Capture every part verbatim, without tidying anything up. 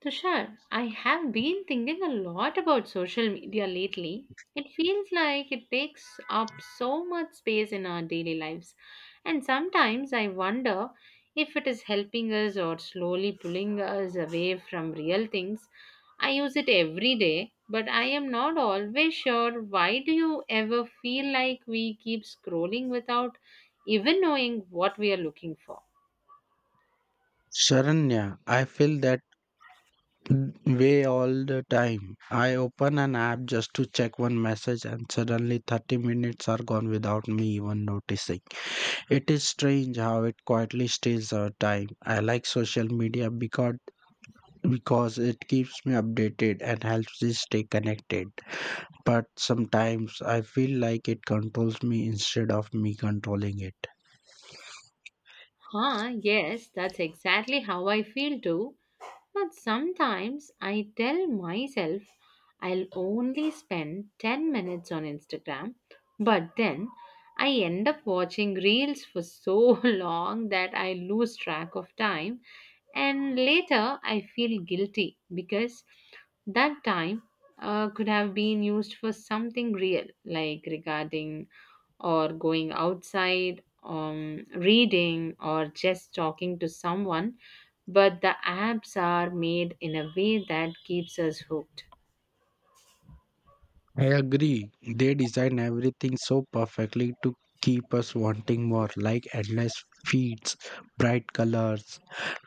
Tushar, I have been thinking a lot about social media lately. It feels like it takes up so much space in our daily lives. And sometimes I wonder if it is helping us or slowly pulling us away from real things. I use it every day, but I am not always sure. Why do you ever feel like we keep scrolling without even knowing what we are looking for? Sharanya, I feel that way all the time. I open an app just to check one message, and suddenly thirty minutes are gone without me even noticing. It is strange how it quietly steals our time. I like social media because, because it keeps me updated and helps me stay connected. But sometimes I feel like it controls me instead of me controlling it. Huh, yes, that's exactly how I feel too. But sometimes I tell myself I'll only spend ten minutes on Instagram, but then I end up watching reels for so long that I lose track of time, and later I feel guilty because that time uh, could have been used for something real, like regarding or going outside, um, reading, or just talking to someone. But the apps are made in a way that keeps us hooked. I agree. They design everything so perfectly to keep us wanting more, like endless feeds, bright colors,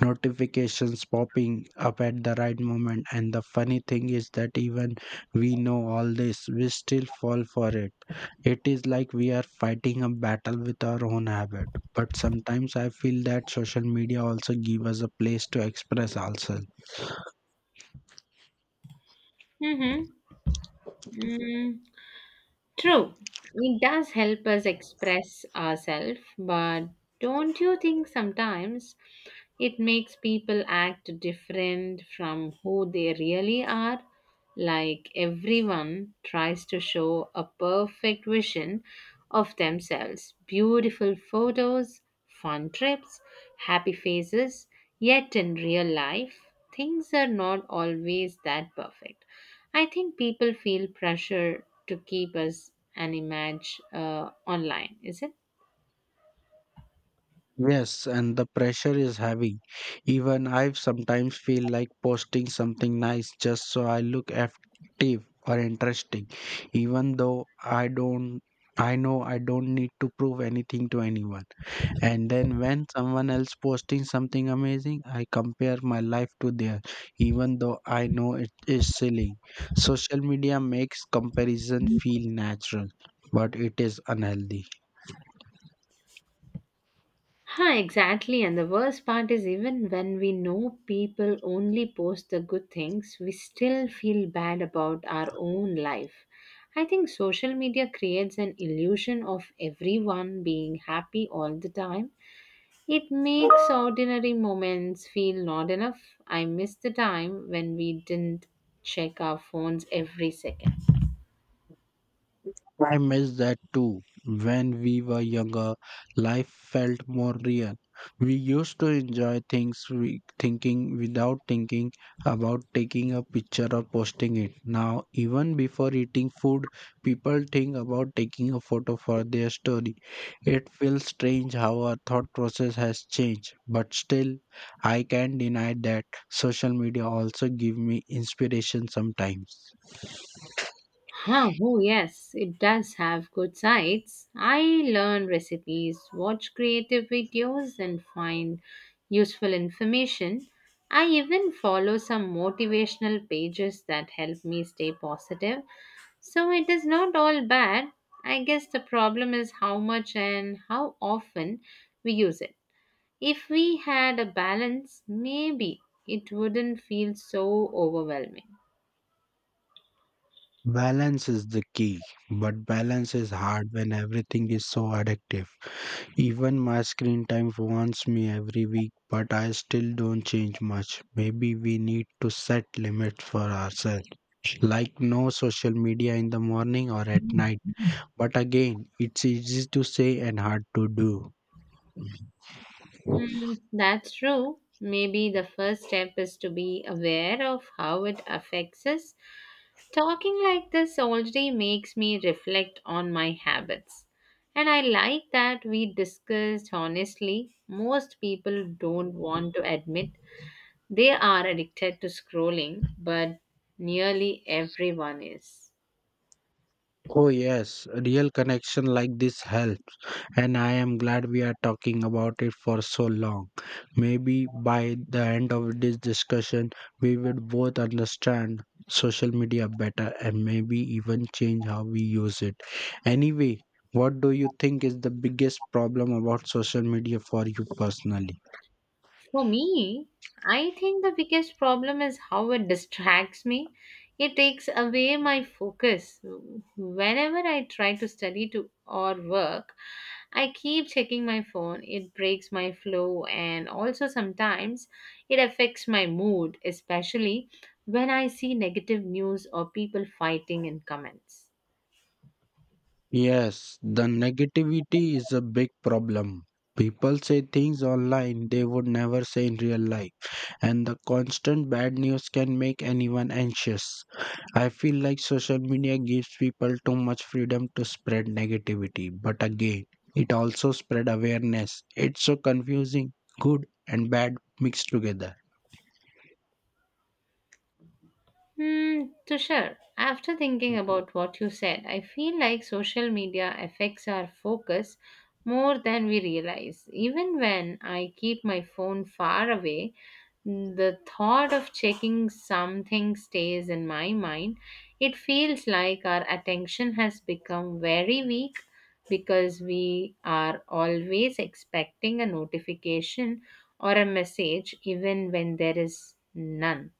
notifications popping up at the right moment. And the funny thing is that even we know all this, we still fall for it. It is like we are fighting a battle with our own habit. But sometimes I feel that social media also give us a place to express ourselves. Mm-hmm. True, it does help us express ourselves, but don't you think sometimes it makes people act different from who they really are? Like everyone tries to show a perfect vision of themselves beautiful photos, fun trips, happy faces, yet in real life, things are not always that perfect. I think people feel pressure to keep us an image uh, online, is it? Yes, and the pressure is heavy. Even I sometimes feel like posting something nice just so I look active or interesting, even though I don't. I know I don't need to prove anything to anyone. And then when someone else posting something amazing, I compare my life to theirs, even though I know it is silly. Social media makes comparison feel natural, but it is unhealthy. Huh, exactly. And the worst part is, even when we know people only post the good things, we still feel bad about our own life. I think social media creates an illusion of everyone being happy all the time. It makes ordinary moments feel not enough. I miss the time when we didn't check our phones every second. I miss that too. When we were younger, life felt more real. We used to enjoy things we thinking without thinking about taking a picture or posting it. Now, even before eating food, people think about taking a photo for their story. It feels strange how our thought process has changed, but still, I can't deny that social media also give me inspiration sometimes. Huh, oh, yes, it does have good sides. I learn recipes, watch creative videos, and find useful information. I even follow some motivational pages that help me stay positive. So it is not all bad. I guess the problem is how much and how often we use it. If we had a balance, maybe it wouldn't feel so overwhelming. Balance is the key, but balance is hard when everything is so addictive. Even my screen time warns me every week, but I still don't change much. Maybe we need to set limits for ourselves, like no social media in the morning or at night. But again, it's easy to say and hard to do. Mm, that's true. Maybe the first step is to be aware of how it affects us. Talking like this already makes me reflect on my habits. And I like that we discussed honestly. Most people don't want to admit they are addicted to scrolling, but nearly everyone is. Oh, yes, real connection like this help, and I am glad we are talking about it for so long. Maybe by the end of this discussion, we will both understand social media better and maybe even change how we use it. Anyway, what do you think is the biggest problem about social media for you personally? For me, I think the biggest problem is how it distracts me. It takes away my focus. Whenever I try to study to or work, I keep checking my phone. It breaks my flow and also sometimes it affects my mood, especially when I see negative news or people fighting in comments. Yes, the negativity is a big problem. People say things online they would never say in real life, and the constant bad news can make anyone anxious. I feel like social media gives people too much freedom to spread negativity, but again, it also spread awareness. It's so confusing, good and bad mixed together. Hmm, Tushar, after thinking about what you said, I feel like social media affects our focus more than we realize. Even when I keep my phone far away, the thought of checking something stays in my mind. It feels like our attention has become very weak because we are always expecting a notification or a message, even when there is none.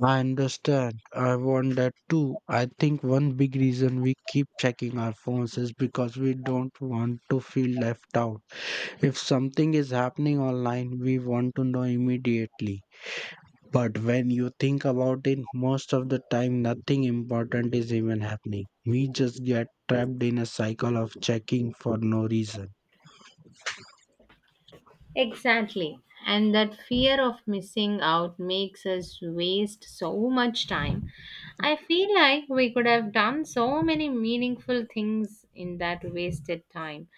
I understand. I want that too. I think one big reason we keep checking our phones is because we don't want to feel left out. If something is happening online, we want to know immediately. But when you think about it, most of the time nothing important is even happening. We just get trapped in a cycle of checking for no reason. Exactly. And that fear of missing out makes us waste so much time. I feel like we could have done so many meaningful things in that wasted time.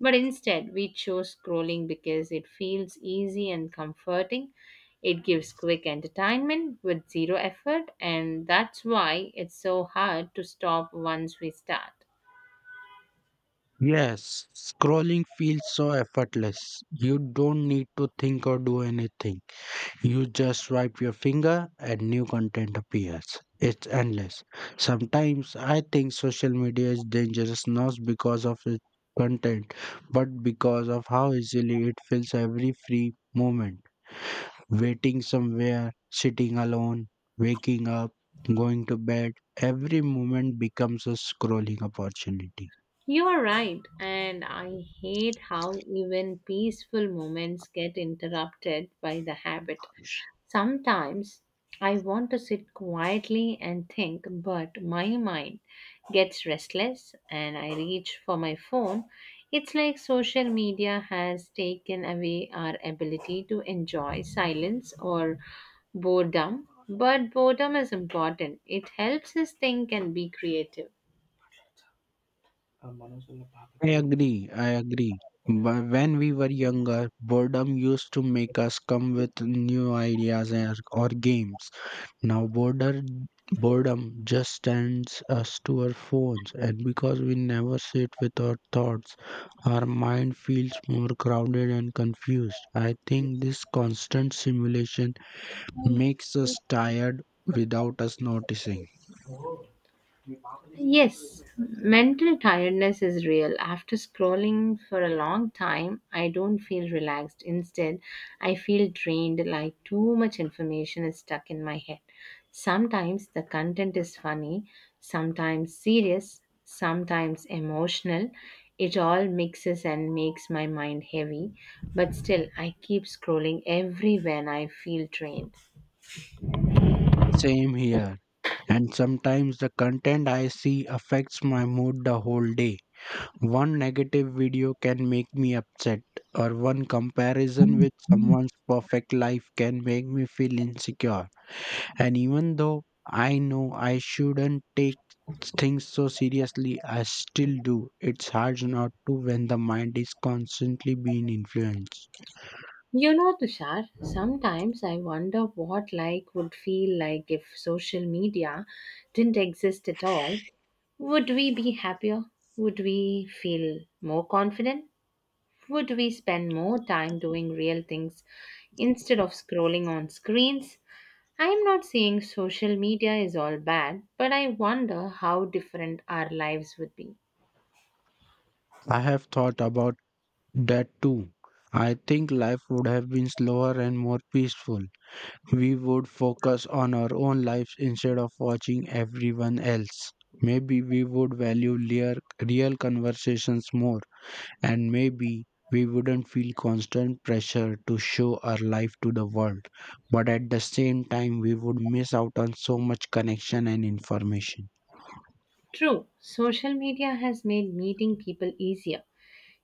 But instead, we chose scrolling because it feels easy and comforting. It gives quick entertainment with zero effort, and that's why it's so hard to stop once we start. Yes, scrolling feels so effortless. You don't need to think or do anything. You just swipe your finger and new content appears. It's endless. Sometimes I think social media is dangerous not because of its content, but because of how easily it fills every free moment. Waiting somewhere, sitting alone, waking up, going to bed, every moment becomes a scrolling opportunity. You are right, and I hate how even peaceful moments get interrupted by the habit. Sometimes I want to sit quietly and think, but my mind gets restless and I reach for my phone. It's like social media has taken away our ability to enjoy silence or boredom, but boredom is important. It helps us think and be creative. I agree. I agree. Wh- When we were younger, boredom used to make us come with new ideas and- or games. Now, border, boredom just sends us to our phones, and because we never sit with our thoughts, our mind feels more crowded and confused. I think this constant simulation makes us tired without us noticing. Yes, mental tiredness is real. After scrolling for a long time, I don't feel relaxed. Instead, I feel drained like too much information is stuck in my head. Sometimes the content is funny, sometimes serious, sometimes emotional. It all mixes and makes my mind heavy, but still, I keep scrolling everywhere and I feel drained. Same here. And sometimes the content I see affects my mood the whole day. One negative video can make me upset, or one comparison with someone's perfect life can make me feel insecure. And even though I know I shouldn't take things so seriously, I still do. It's hard not to when the mind is constantly being influenced. You know, Tushar, sometimes I wonder what like would feel like if social media didn't exist at all. Would we be happier? Would we feel more confident? Would we spend more time doing real things instead of scrolling on screens? I am not saying social media is all bad, but I wonder how different our lives would be. I have thought about that too. I think life would have been slower and more peaceful we would focus on our own lives instead of watching everyone else. Maybe we would value real, real conversations more, and maybe we wouldn't feel constant pressure to show our life to the world. But at the same time, we would miss out on so much connection and information. True, social media has made meeting people easier.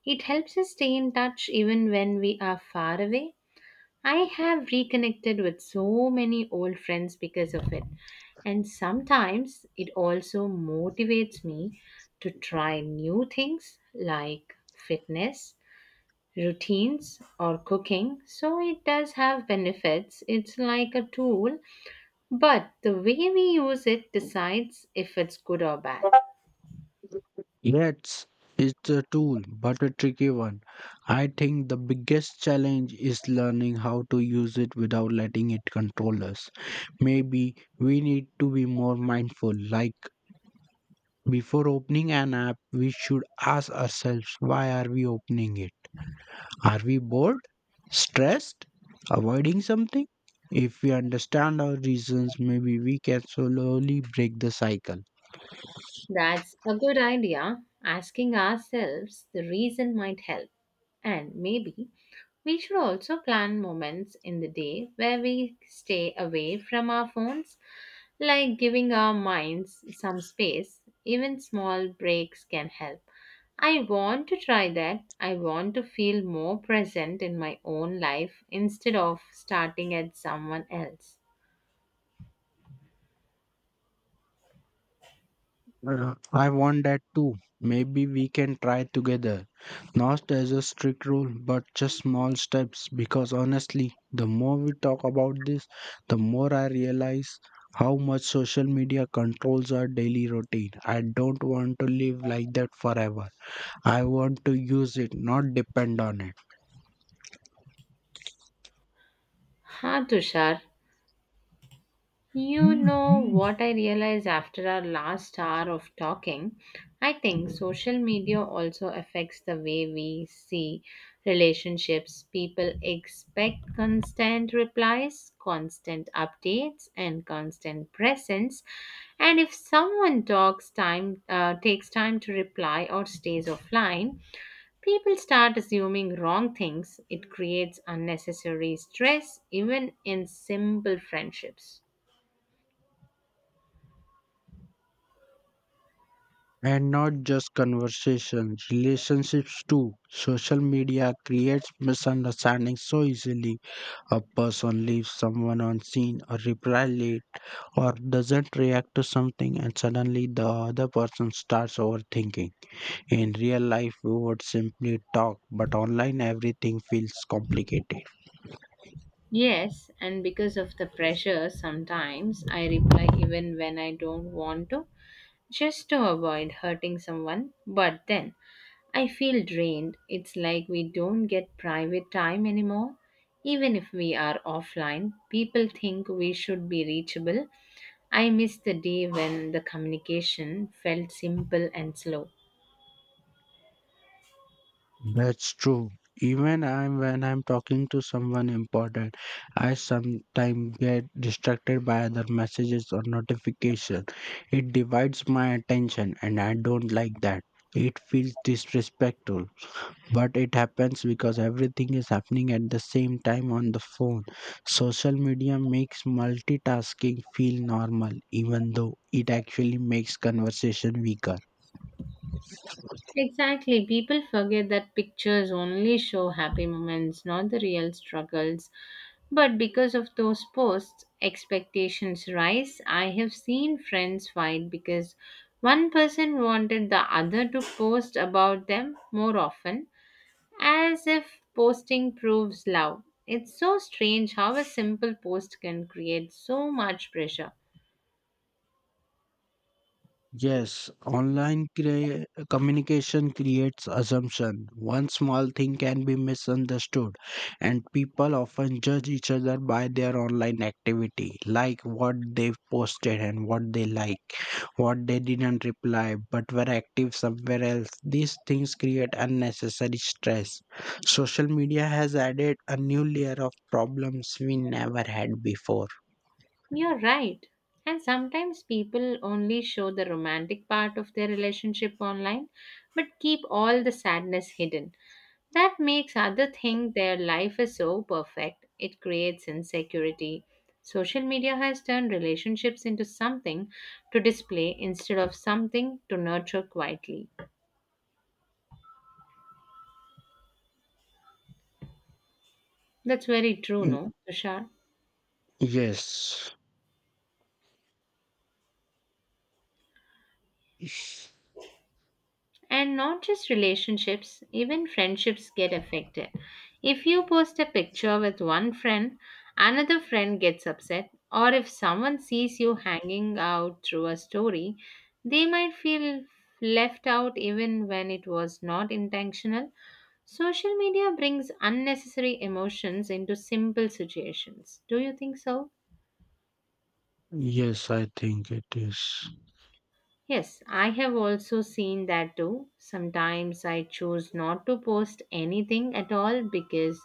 It helps us stay in touch even when we are far away. I have reconnected with so many old friends because of it. And sometimes it also motivates me to try new things like fitness, routines, or cooking. So it does have benefits. It's like a tool, but the way we use it decides if it's good or bad. Yes, it's a tool, but a tricky one. I think the biggest challenge is learning how to use it without letting it control us. Maybe we need to be more mindful. Like before opening an app, we should ask ourselves why are we opening it? Are we bored? Stressed? Avoiding something? If we understand our reasons, maybe we can slowly break the cycle. That's a good idea. Asking ourselves the reason might help. And maybe we should also plan moments in the day where we stay away from our phones, like giving our minds some space. Even small breaks can help. I want to try that. I want to feel more present in my own life instead of starting at someone else. Uh, I want that too. Maybe we can try together. Not as a strict rule, but just small steps. Because honestly, the more we talk about this, the more I realize how much social media controls our daily routine. I don't want to live like that forever. I want to use it, not depend on it. Ha, Tushar, you know what I realized after our last hour of talking? I think social media also affects the way we see relationships. People expect constant replies, constant updates, and constant presence. And if someone talks time, uh, takes time to reply or stays offline, people start assuming wrong things. It creates unnecessary stress, even in simple friendships. And not just conversations, relationships too. Social media creates misunderstandings so easily. A person leaves someone unseen or replies late or doesn't react to something and suddenly the other person starts overthinking. In real life, we would simply talk, but online everything feels complicated. Yes, and because of the pressure, sometimes I reply even when I don't want to, just to avoid hurting someone. But then I feel drained. It's like we don't get private time anymore. Even if we are offline, people think we should be reachable. I miss the day when the communication felt simple and slow. That's true. Even I'm, when I'm talking to someone important, I sometimes get distracted by other messages or notifications. It divides my attention and I don't like that. It feels disrespectful, but it happens because everything is happening at the same time on the phone. Social media makes multitasking feel normal, even though it actually makes conversation weaker. Exactly. People forget that pictures only show happy moments, not the real struggles. But because of those posts, expectations rise. I have seen friends fight because one person wanted the other to post about them more often, as if posting proves love. It's so strange how a simple post can create so much pressure. Yes, online crea- communication creates assumption. One small thing can be misunderstood, and people often judge each other by their online activity, like what they've posted and what they like, what they didn't reply but were active somewhere else. These things create unnecessary stress. Social media has added a new layer of problems we never had before. You're right. And sometimes people only show the romantic part of their relationship online but keep all the sadness hidden. That makes other think their life is so perfect. It creates insecurity. Social media has turned relationships into something to display instead of something to nurture quietly. That's very true, Y- no, Tushar? Yes. And not just relationships, even friendships get affected. If you post a picture with one friend, another friend gets upset, or if someone sees you hanging out through a story, they might feel left out even when it was not intentional. Social media brings unnecessary emotions into simple situations. Do you think so? Yes, I think it is. Yes, I have also seen that too. Sometimes I choose not to post anything at all because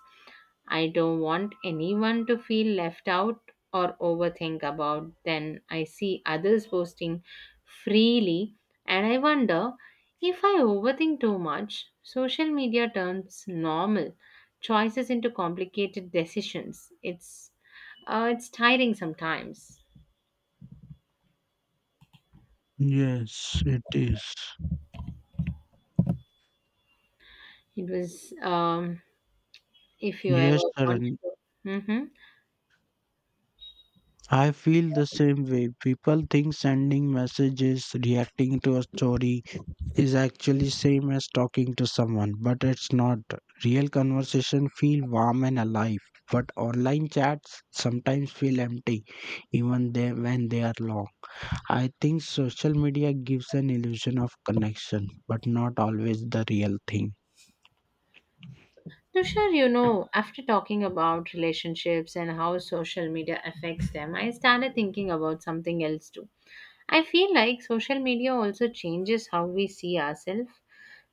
I don't want anyone to feel left out or overthink about. Then I see others posting freely and I wonder if I overthink too much. Social media turns normal choices into complicated decisions. It's uh, it's tiring sometimes. Yes, it is. It was um, if you Yes, ever wanted Sharan. to. Mm-hmm. I feel the same way. People think sending messages, reacting to a story is actually same as talking to someone, but it's not. Real conversation feel warm and alive, but online chats sometimes feel empty, even they, when they are long. I think social media gives an illusion of connection, but not always the real thing. Tushar, you know, after talking about relationships and how social media affects them, I started thinking about something else too. I feel like social media also changes how we see ourselves.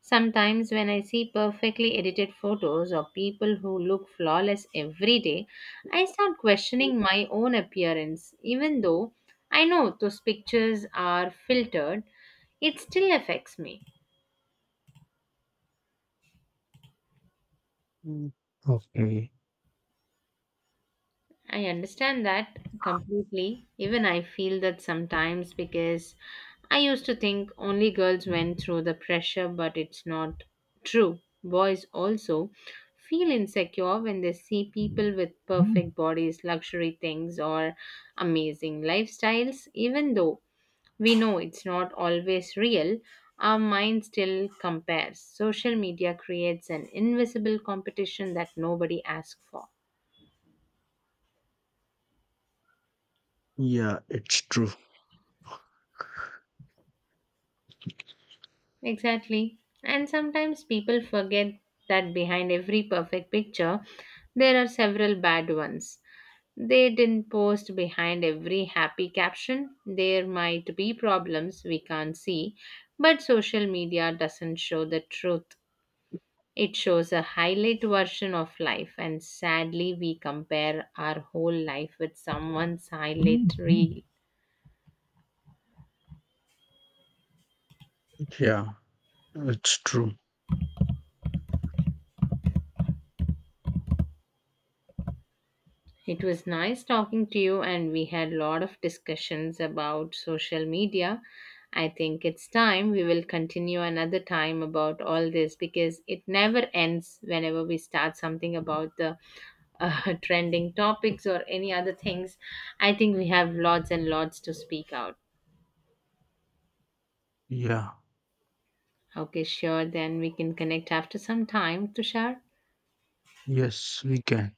Sometimes, when I see perfectly edited photos of people who look flawless every day, I start questioning my own appearance. Even though I know those pictures are filtered, it still affects me. Mm. Okay. I understand that completely. Even I feel that sometimes because I used to think only girls went through the pressure, but it's not true. Boys also feel insecure when they see people with perfect bodies, luxury things, or amazing lifestyles. Even though we know it's not always real, our mind still compares. Social media creates an invisible competition that nobody asks for. Yeah, it's true. Exactly. And sometimes people forget that behind every perfect picture, there are several bad ones. They didn't post behind every happy caption. There might be problems we can't see, but social media doesn't show the truth. It shows a highlight version of life, and sadly, we compare our whole life with someone's highlight reel. Yeah, it's true. It was nice talking to you, and we had a lot of discussions about social media. I think it's time we will continue another time about all this because it never ends whenever we start something about the uh, trending topics or any other things. I think we have lots and lots to speak out. Yeah. Okay, sure. Then we can connect after some time, Tushar. Yes, we can.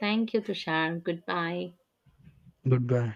Thank you, Tushar. Goodbye. Goodbye.